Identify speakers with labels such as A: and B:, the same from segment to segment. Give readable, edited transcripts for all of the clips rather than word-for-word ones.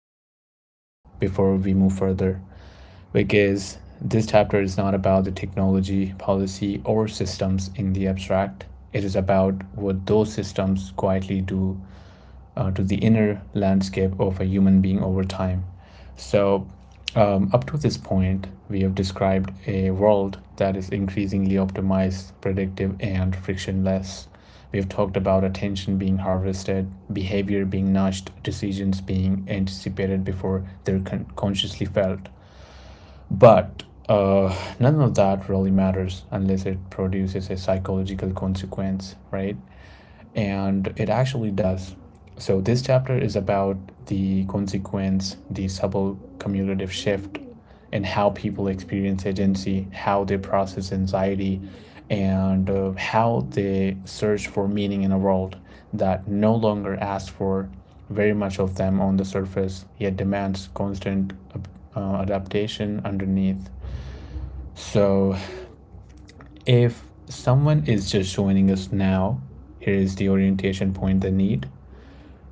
A: take a breath before we move further because this chapter is not about the technology, policy, or systems in the abstract. It is about what those systems quietly do to the inner landscape of a human being over time. So, Up to this point, we have described a world that is increasingly optimized, predictive, and frictionless. We have talked about attention being harvested, behavior being nudged, decisions being anticipated before they're consciously felt. But none of that really matters unless it produces a psychological consequence, right? And it actually does. So, this chapter is about the consequence, the subtle cumulative shift in how people experience agency, how they process anxiety, and how they search for meaning in a world that no longer asks for very much of them on the surface, yet demands constant adaptation underneath. So, if someone is just joining us now, here is the orientation point they need.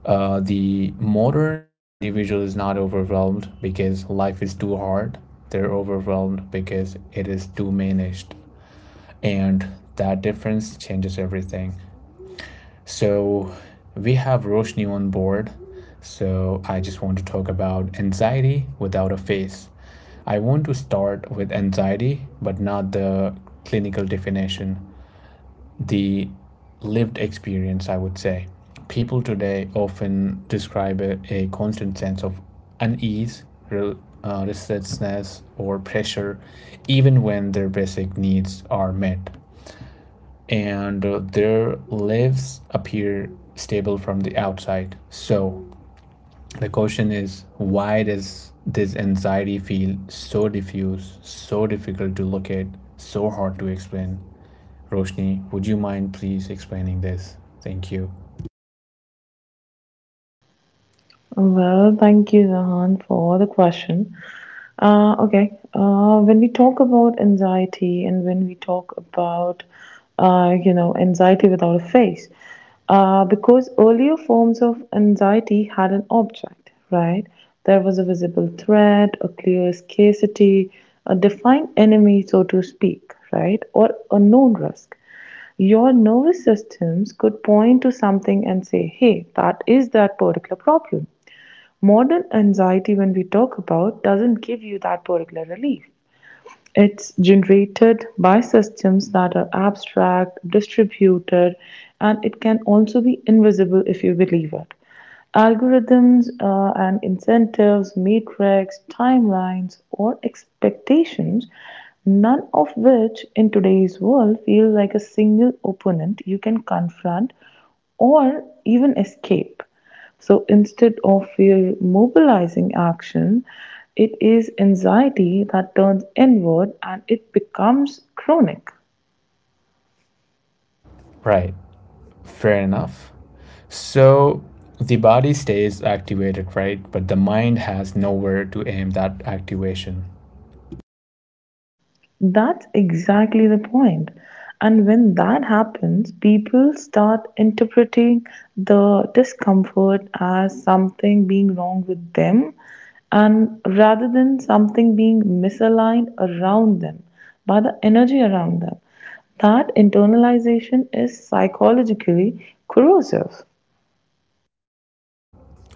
A: The modern individual is not overwhelmed because life is too hard. They're overwhelmed because it is too managed. And that difference changes everything. So we have Roshni on board. So I just want to talk about anxiety without a face. I want to start with anxiety, but not the clinical definition, the lived experience, I would say. People today often describe a constant sense of unease, re- restlessness, or pressure, even when their basic needs are met. And their lives appear stable from the outside. So, the question is, why does this anxiety feel so diffuse, so difficult to locate, so hard to explain? Roshni, would you mind please explaining this? Thank you.
B: Well, thank you, Zahan, for the question. Okay, when we talk about anxiety and when we talk about, anxiety without a face, because earlier forms of anxiety had an object, right? There was a visible threat, a clear scarcity, a defined enemy, so to speak, right? Or a known risk your nervous systems could point to something and say, hey, that is that particular problem. Modern anxiety when we talk about doesn't give you that particular relief. It's generated by systems that are abstract, distributed, and it can also be invisible if you believe it. Algorithms and incentives, metrics, timelines, or expectations, none of which in today's world feel like a single opponent you can confront or even escape. So instead of fear mobilizing action, it is anxiety that turns inward and it becomes chronic.
A: Right, fair enough. So the body stays activated, right? But the mind has nowhere to aim that activation.
B: That's exactly the point. And when that happens, people start interpreting the discomfort as something being wrong with them and rather than something being misaligned around them, by the energy around them. That internalization is psychologically corrosive.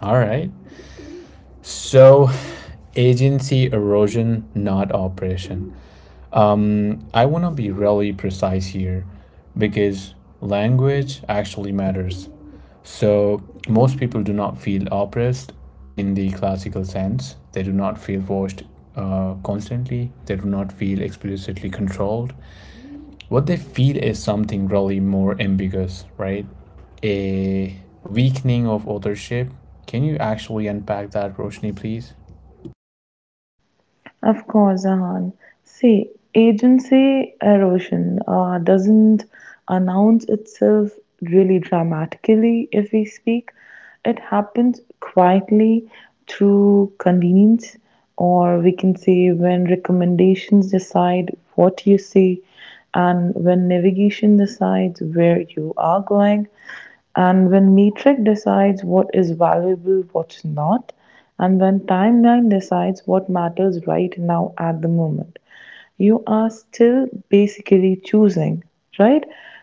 A: All right. So, agency erosion, not operation. I want to be really precise here because language actually matters. So, most people do not feel oppressed in the classical sense. They do not feel forced constantly. They do not feel explicitly controlled. What they feel is something really more ambiguous, right? A weakening of authorship. Can you actually unpack that, Roshni, please?
B: Of course, Ahan. See, agency erosion doesn't announce itself really dramatically if we speak. It happens quietly through convenience, or we can say when recommendations decide what you see, and when navigation decides where you are going, and when metric decides what is valuable, what's not, and when timeline decides what matters right now at the moment, you are still basically choosing, right?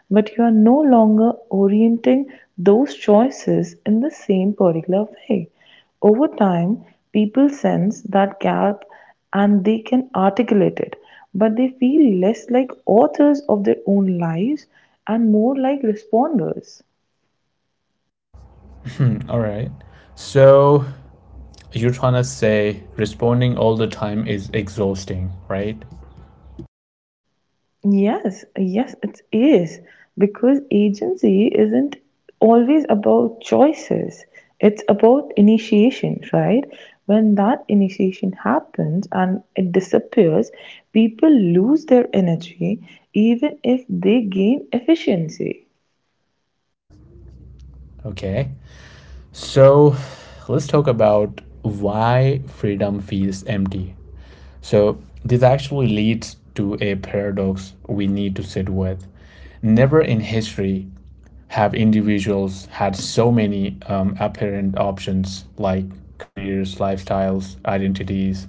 B: But you are no longer orienting those choices in the same particular way. Over time, people sense that gap and they can articulate it, but they feel less like authors of their own lives and more like responders.
A: All right. So, you're trying to say responding all the time is exhausting, right?
B: Yes, yes, it is. Because agency isn't always about choices, it's about initiation, right? When that initiation happens and it disappears, people lose their energy even if they gain efficiency.
A: Okay. So let's talk about why freedom feels empty. So this actually leads to a paradox we need to sit with. Never in history have individuals had so many apparent options, like careers, lifestyles, identities,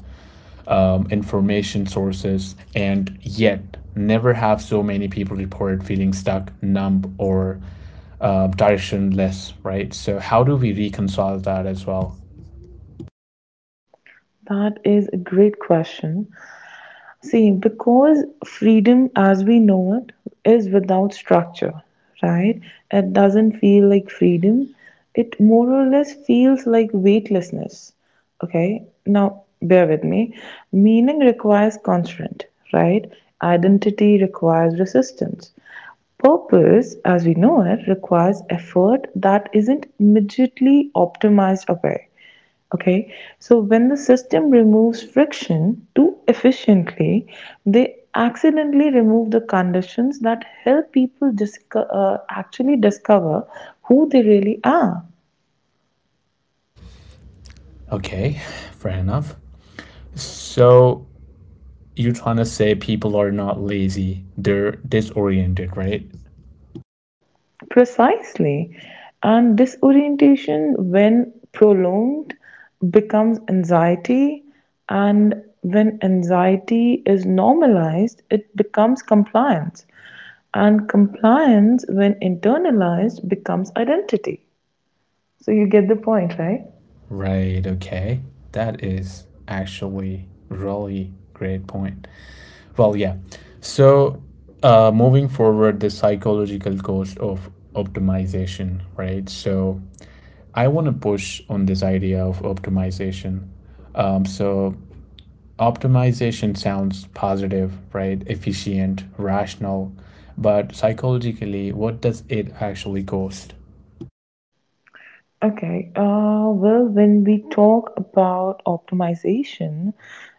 A: information sources, and yet never have so many people reported feeling stuck, numb, or directionless, right? So, how do we reconcile that as well?
B: That is a great question. See, because freedom as we know it is without structure, right? It doesn't feel like freedom. It more or less feels like weightlessness. Okay, now bear with me. Meaning requires constraint, right? Identity requires resistance. Purpose, as we know it, requires effort that isn't immediately optimized away. Okay, so when the system removes friction too efficiently, they accidentally remove the conditions that help people actually discover who they really are.
A: Okay, fair enough. So, you're trying to say people are not lazy, they're disoriented, right?
B: Precisely. And disorientation, when prolonged, becomes anxiety. And when anxiety is normalized, it becomes compliance. And compliance, when internalized, becomes identity. So you get the point, right?
A: Right, okay. That is actually really great point. Well, yeah. So, moving forward, the psychological cost of optimization, right? So, I want to push on this idea of optimization. Um, so, Optimization sounds positive, right? Efficient, rational, but psychologically, what does it actually cost?
B: Okay. Well, when we talk about optimization,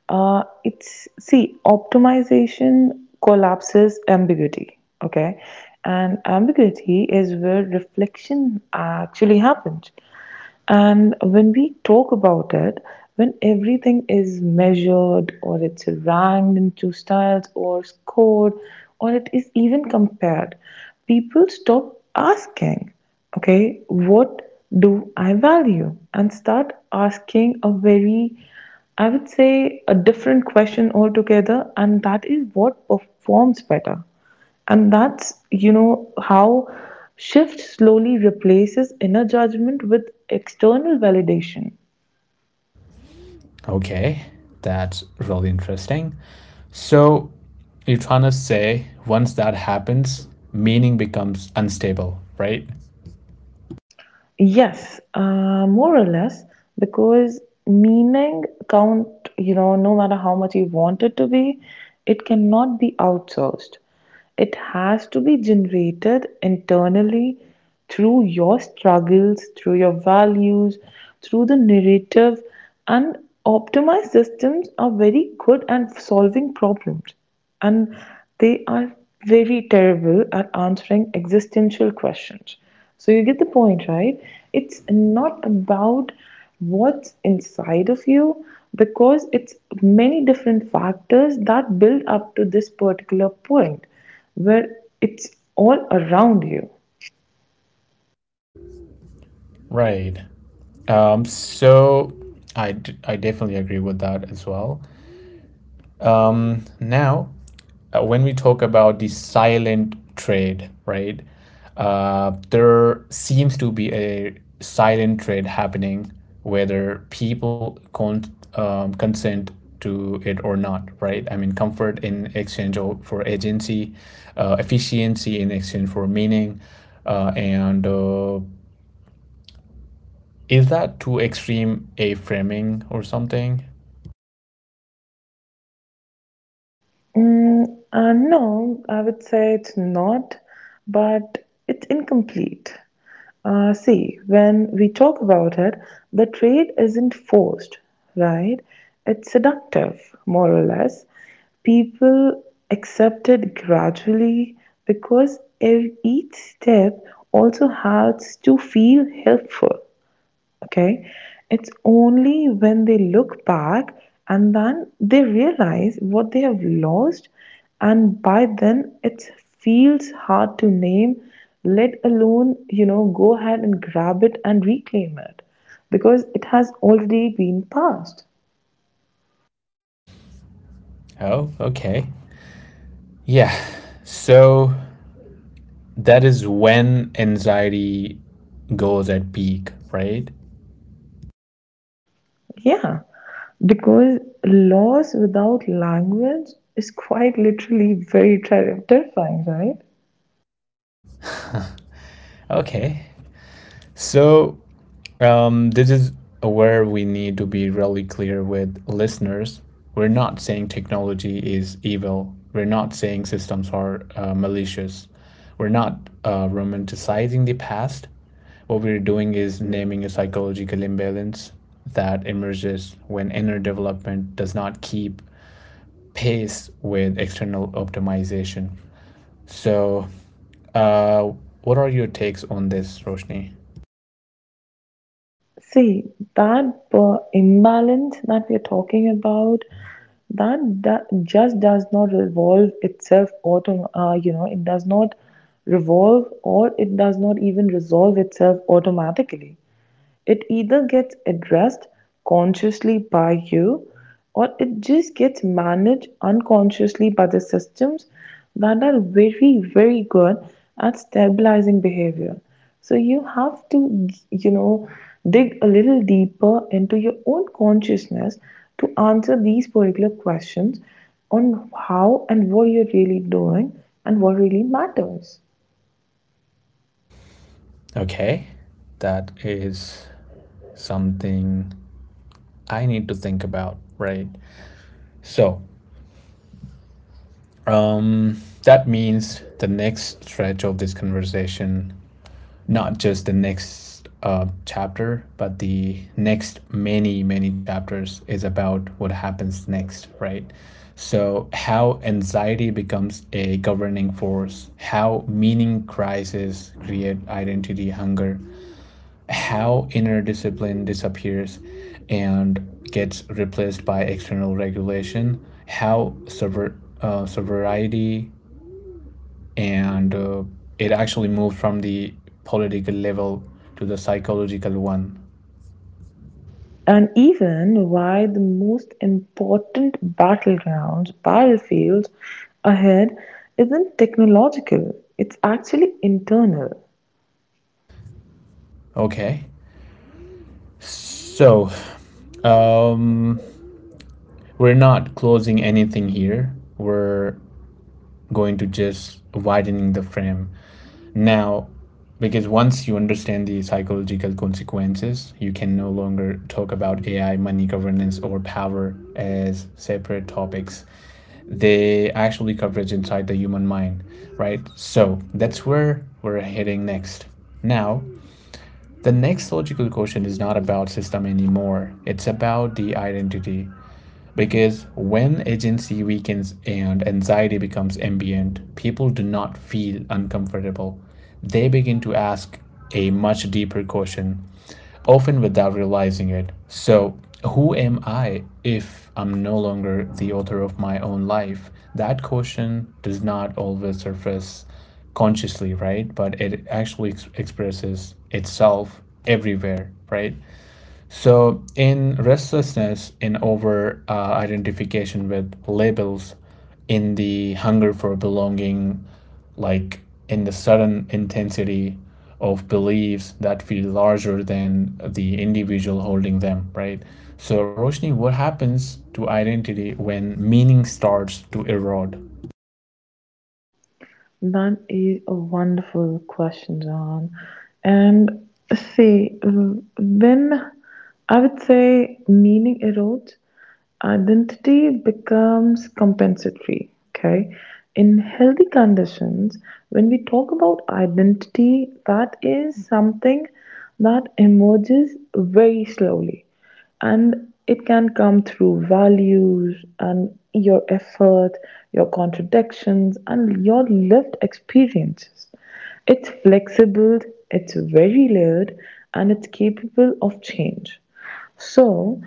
B: it's see, optimization collapses ambiguity. Okay. And ambiguity is where reflection actually happens. And when we talk about it, when everything is measured or it's ranked into styles or scored or it is even compared, people stop asking, okay, what do I value? And start asking a very, I would say, a different question altogether. And that is what performs better. And that's, you know, how shift slowly replaces inner judgment with external validation.
A: Okay, that's really interesting. So, you're trying to say once that happens, meaning becomes unstable, right?
B: Yes, more or less, because meaning count, you know, no matter how much you want it to be, it cannot be outsourced. It has to be generated internally through your struggles, through your values, through the narrative, and optimized systems are very good at solving problems, and they are very terrible at answering existential questions. So you get the point, right? It's not about what's inside of you, because it's many different factors that build up to this particular point where it's all around you.
A: Right. Um, so I definitely agree with that as well. Um, now, when we talk about the silent trade, right, there seems to be a silent trade happening, whether people consent to it or not, right? I mean, comfort in exchange for agency, efficiency in exchange for meaning, and is that too extreme a framing or something?
B: No, I would say it's not, but it's incomplete. See, when we talk about it, the trade isn't forced, right? It's seductive, more or less. People accept it gradually because each step also has to feel helpful. Okay. It's only when they look back and then they realize what they have lost, and by then it feels hard to name, let alone, you know, go ahead and grab it and reclaim it because it has already been passed.
A: Oh, okay. Yeah. So that is when anxiety goes at peak, right?
B: Yeah. Because loss without language is quite literally very terrifying, right?
A: Okay. So, this is where we need to be really clear with listeners. We're not saying technology is evil. We're not saying systems are malicious. We're not romanticizing the past. What we're doing is naming a psychological imbalance that emerges when inner development does not keep pace with external optimization. So, uh, what are your takes on this, Roshni?
B: See, that imbalance that we're talking about, that just does not revolve itself you know, it does not revolve or it does not even resolve itself automatically. It either gets addressed consciously by you or it just gets managed unconsciously by the systems that are very, very good at stabilizing behavior. So you have to, you know, dig a little deeper into your own consciousness to answer these particular questions on how and what you're really doing and what really matters.
A: Okay, that is something I need to think about, right? So that means the next stretch of this conversation, not just the next chapter, but the next many, many chapters is about what happens next, right? So, how anxiety becomes a governing force, how meaning crises create identity hunger, how inner discipline disappears and gets replaced by external regulation, how sobriety and it actually moved from the political level to the psychological one.
B: And even why the most important battlegrounds, battlefields ahead isn't technological, it's actually internal.
A: Okay, so um, we're not closing anything here. We're going to just widening the frame. Now, because once you understand the psychological consequences, you can no longer talk about AI, money, governance, or power as separate topics. They actually coverage inside the human mind, right? So that's where we're heading next. Now, the next logical question is not about system anymore. It's about the identity. Because when agency weakens and anxiety becomes ambient, people do not feel uncomfortable. They begin to ask a much deeper question, often without realizing it. So, who am I if I'm no longer the author of my own life? That question does not always surface consciously, right? But it actually expresses itself everywhere, right? So, in restlessness, in over identification with labels, in the hunger for belonging, like in the sudden intensity of beliefs that feel larger than the individual holding them, right? So, Roshni, what happens to identity when meaning starts to erode?
B: That is a wonderful question, John. And see, when I would say meaning erodes, identity becomes compensatory. Okay. In healthy conditions, when we talk about identity, that is something that emerges very slowly, and it can come through values and your effort, your contradictions, and your lived experiences. It's flexible, it's very layered, and it's capable of change. So,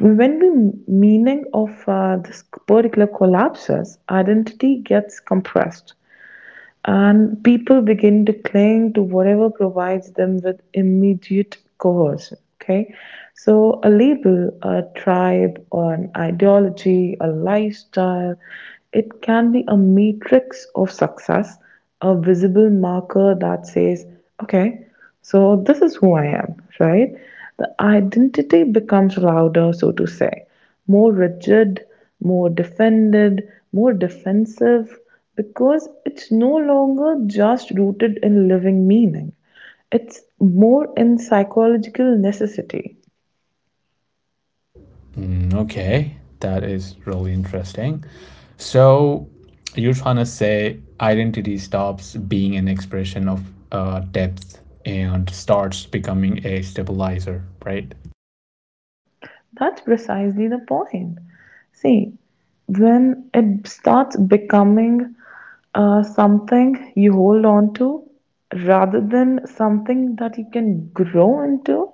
B: when the meaning of this particular collapses, identity gets compressed and people begin to cling to whatever provides them with immediate coercion. Okay, so a label, a tribe, or an ideology, a lifestyle, it can be a matrix of success, a visible marker that says, okay, so this is who I am, right? The identity becomes louder, so to say, more rigid, more defended, more defensive, because it's no longer just rooted in living meaning. It's more in psychological necessity.
A: Mm, okay, that is really interesting. So you're trying to say identity stops being an expression of depth and starts becoming a stabilizer, right?
B: That's precisely the point. See, when it starts becoming something you hold on to rather than something that you can grow into.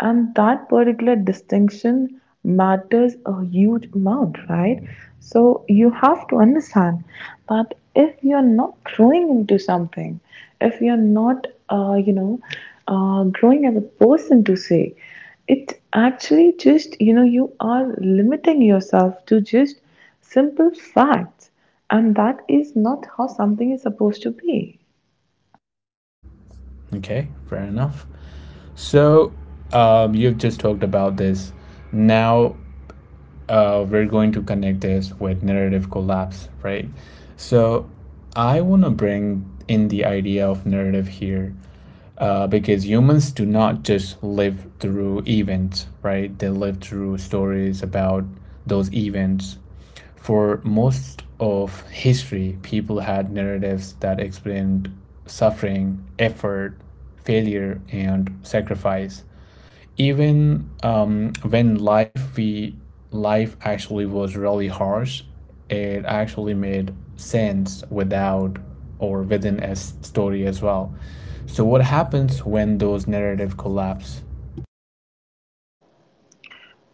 B: And that particular distinction matters a huge amount, right? So you have to understand that if you're not growing into something, if you're not growing as a person to say, it's actually just, you know, you are limiting yourself to just simple fact. And that is not how something is supposed to be.
A: Okay, fair enough. So you've just talked about this. Now we're going to connect this with narrative collapse, right? So I want to bring in the idea of narrative here because humans do not just live through events, right? They live through stories about those events. For most of history, people had narratives that explained suffering, effort, failure, and sacrifice, even when life actually was really harsh. It actually made sense without or within a story as well. So what happens when those narrative collapse?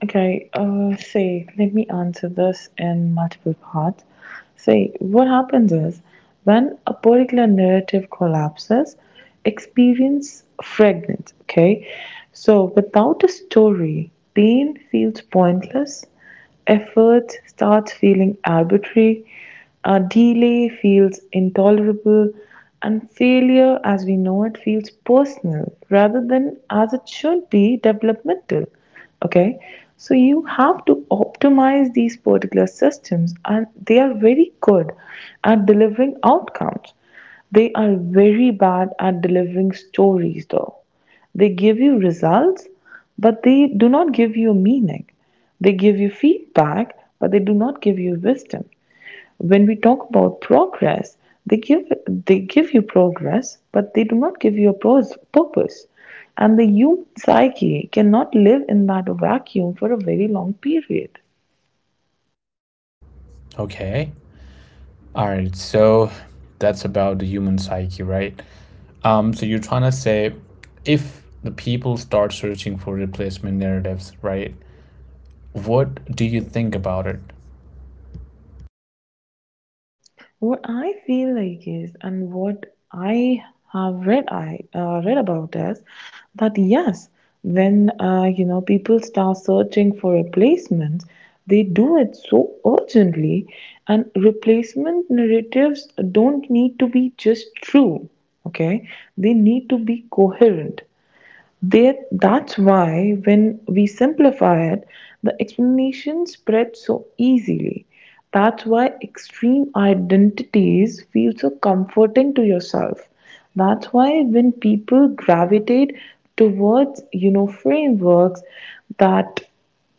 B: Okay, say, let me answer this in multiple parts. Say, what happens is when a particular narrative collapses, experience fragments. Okay, so without a story, pain feels pointless, effort starts feeling arbitrary, delay feels intolerable, and failure, as we know it, feels personal rather than as it should be developmental. Okay, so you have to optimize these particular systems, and they are very good at delivering outcomes. They are very bad at delivering stories, though. They give you results, but they do not give you meaning. They give you feedback, but they do not give you wisdom. When we talk about progress, they give you progress, but they do not give you a purpose. And the human psyche cannot live in that vacuum for a very long period.
A: Okay, all right, so that's about the human psyche, right? So you're trying to say if the people start searching for replacement narratives, right, what do you think about it?
B: What I feel like is, and what I have read, I read about is that yes, when you know people start searching for replacements, they do it so urgently, and replacement narratives don't need to be just true. Okay, they need to be coherent. There, that's why when we simplify it, the explanation spreads so easily. That's why extreme identities feel so comforting to yourself. That's why when people gravitate towards, you know, frameworks that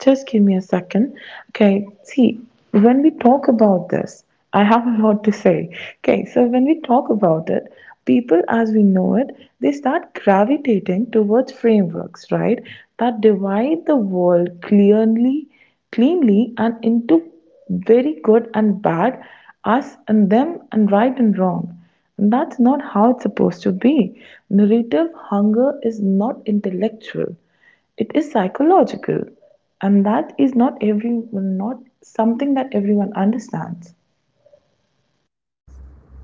B: just give me a second. Okay, see, when we talk about this, I have a lot to say. Okay, so when we talk about it, people as we know it, they start gravitating towards frameworks, right? That divide the world clearly, cleanly, and into very good and bad, us and them, and right and wrong. And that's not how it's supposed to be. Narrative hunger is not intellectual, it is psychological, and that is not every not something that everyone understands.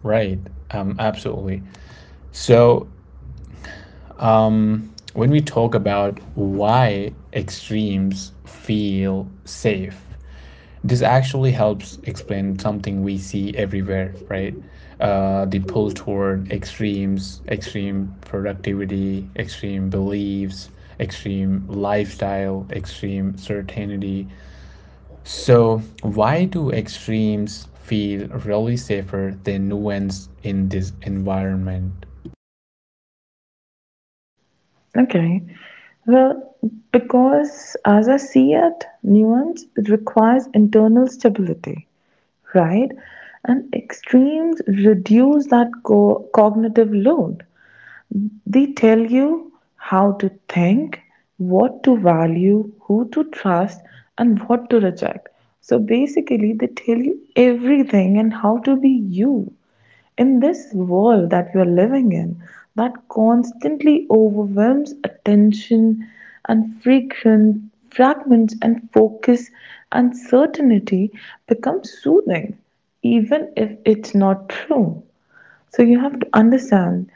A: Right, absolutely. So, when we talk about why extremes feel safe, this actually helps explain something we see everywhere, right? The pull toward extremes, extreme productivity, extreme beliefs, extreme lifestyle, extreme certainty. So, why do extremes feel really safer than nuance in this environment?
B: Okay, well, because as I see it, nuance requires internal stability, right? And extremes reduce that cognitive load. They tell you how to think, what to value, who to trust, and what to reject. So basically, they tell you everything and how to be you in this world that we are living in, that constantly overwhelms attention and frequent fragments and focus, and certainty becomes soothing, even if it's not true. So you have to understand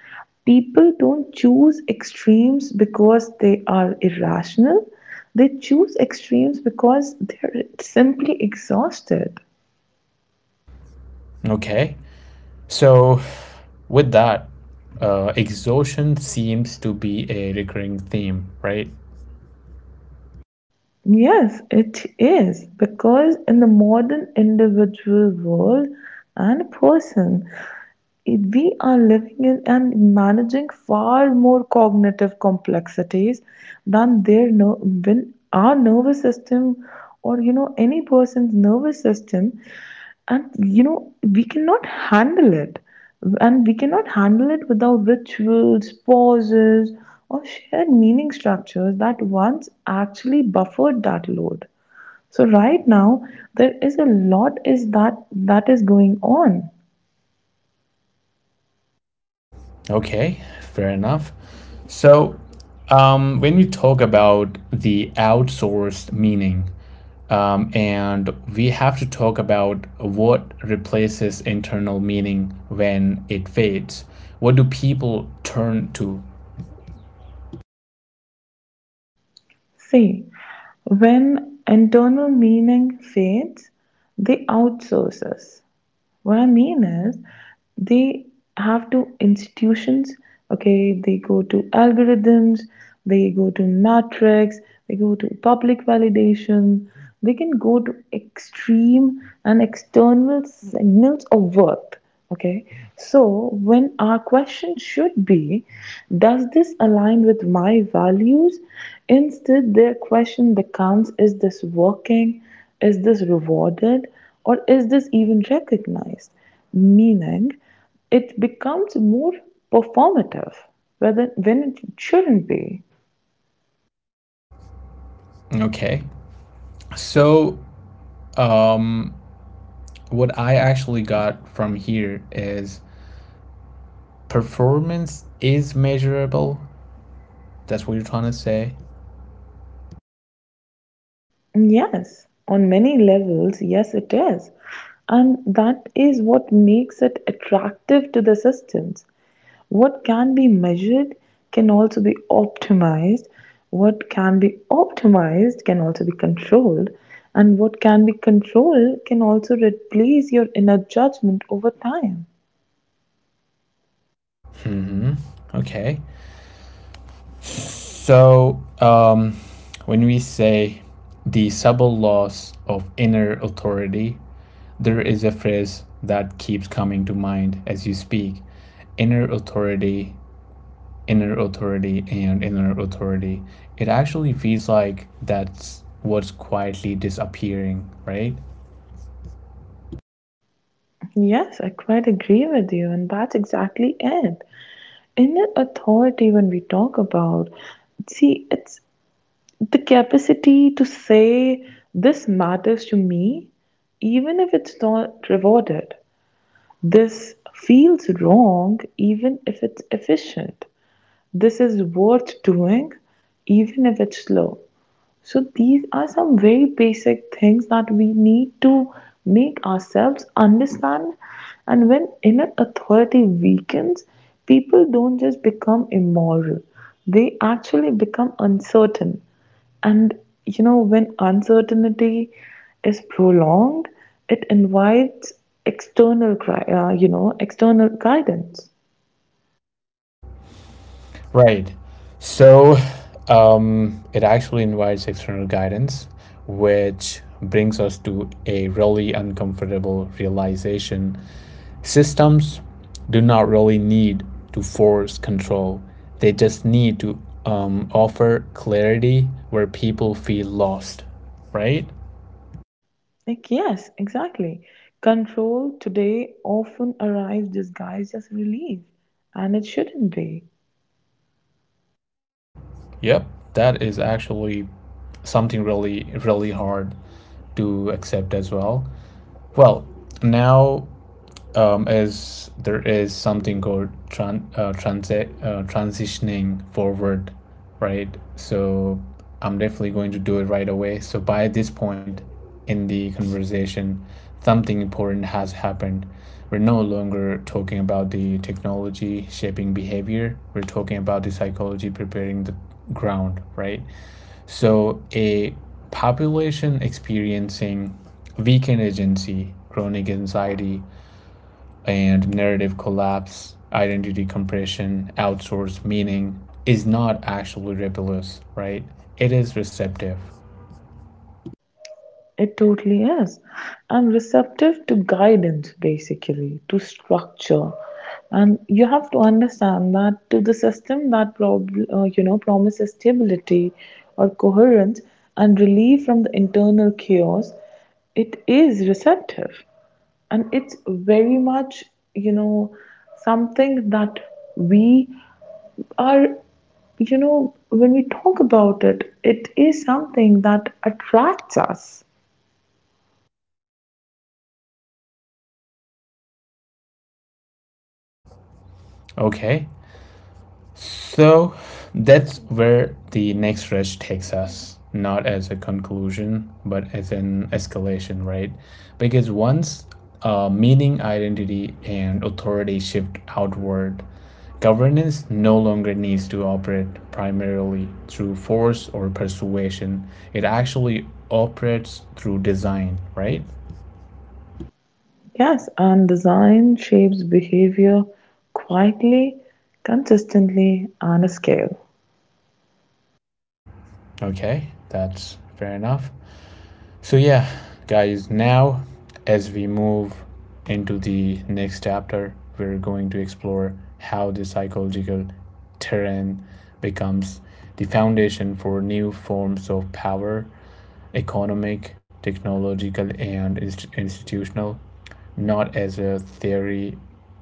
B: people don't choose extremes because they are irrational. They choose extremes because they're simply exhausted.
A: Okay, so, with that, exhaustion seems to be a recurring theme, right?
B: Yes, it is. Because in the modern individual world and person, we are living in and managing far more cognitive complexities than their when our nervous system, or you know any person's nervous system, and you know we cannot handle it, and we cannot handle it without rituals, pauses, or shared meaning structures that once actually buffered that load. So right now, there is a lot is that that is going on.
A: Okay, fair enough. So, when we talk about the outsourced meaning, and we have to talk about what replaces internal meaning when it fades. What do people turn to?
B: See, when internal meaning fades, they outsource us. What I mean is, they have to institutions, okay, they go to algorithms, they go to matrix, they go to public validation, they can go to extreme and external signals of worth. Okay, so when our question should be, does this align with my values? Instead, the question becomes, is this working? Is this rewarded? Or is this even recognized? Meaning, it becomes more performative whether, when it shouldn't be.
A: Okay, so um, what I actually got from here is performance is measurable. That's what you're trying to say.
B: Yes, on many levels, yes, it is. And that is what makes it attractive to the systems. What can be measured can also be optimized. What can be optimized can also be controlled. And what can be controlled can also replace your inner judgment over time.
A: Hmm. Okay. So when we say the subtle loss of inner authority, there is a phrase that keeps coming to mind as you speak: inner authority, inner authority, and inner authority. It actually feels like that's what's quietly disappearing, right?
B: Yes, I quite agree with you, and that's exactly it. Inner authority, when we talk about, see, it's the capacity to say, this matters to me, even if it's not rewarded. This feels wrong even if it's efficient. This is worth doing even if it's slow. So, these are some very basic things that we need to make ourselves understand. And when inner authority weakens, people don't just become immoral, they actually become uncertain. And you know, when uncertainty is prolonged, it invites external, you know, external guidance.
A: Right. So it actually invites external guidance, which brings us to a really uncomfortable realization. Systems do not really need to force control, they just need to offer clarity where people feel lost, right?
B: Like yes, exactly. Control today often arrives disguised as relief, and it shouldn't be.
A: Yep, that is actually something really, really hard to accept as well. Well, now, is there is something called tran- transi- transitioning forward, right? So I'm definitely going to do it right away. So by this point in the conversation, something important has happened. We're no longer talking about the technology shaping behavior. We're talking about the psychology preparing the ground, right? So a population experiencing weakened agency, chronic anxiety, and narrative collapse, identity compression, outsourced meaning is not actually rebellious, right? It is receptive.
B: It totally is. I'm receptive to guidance, basically, to structure. And you have to understand that to the system that you know promises stability or coherence and relief from the internal chaos, it is receptive, and it's very much you know something that we are you know when we talk about it, it is something that attracts us.
A: Okay, so that's where the next rush takes us, not as a conclusion, but as an escalation, right? Because once meaning, identity, and authority shift outward, governance no longer needs to operate primarily through force or persuasion. It actually operates through design, right?
B: Yes, and design shapes behavior quietly, consistently, on a scale.
A: Okay, that's fair enough. So, yeah, guys, now as we move into the next chapter, we're going to explore how the psychological terrain becomes the foundation for new forms of power, economic, technological, and institutional, not as a theory,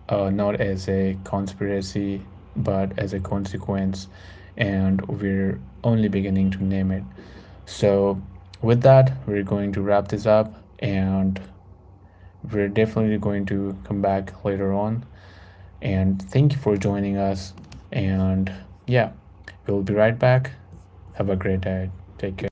A: not as a conspiracy, but as a consequence. And we're only beginning to name it. So, with that, we're going to wrap this up and we're definitely going to come back later on. And thank you for joining us. And yeah, we'll be right back. Have a great day. Take care.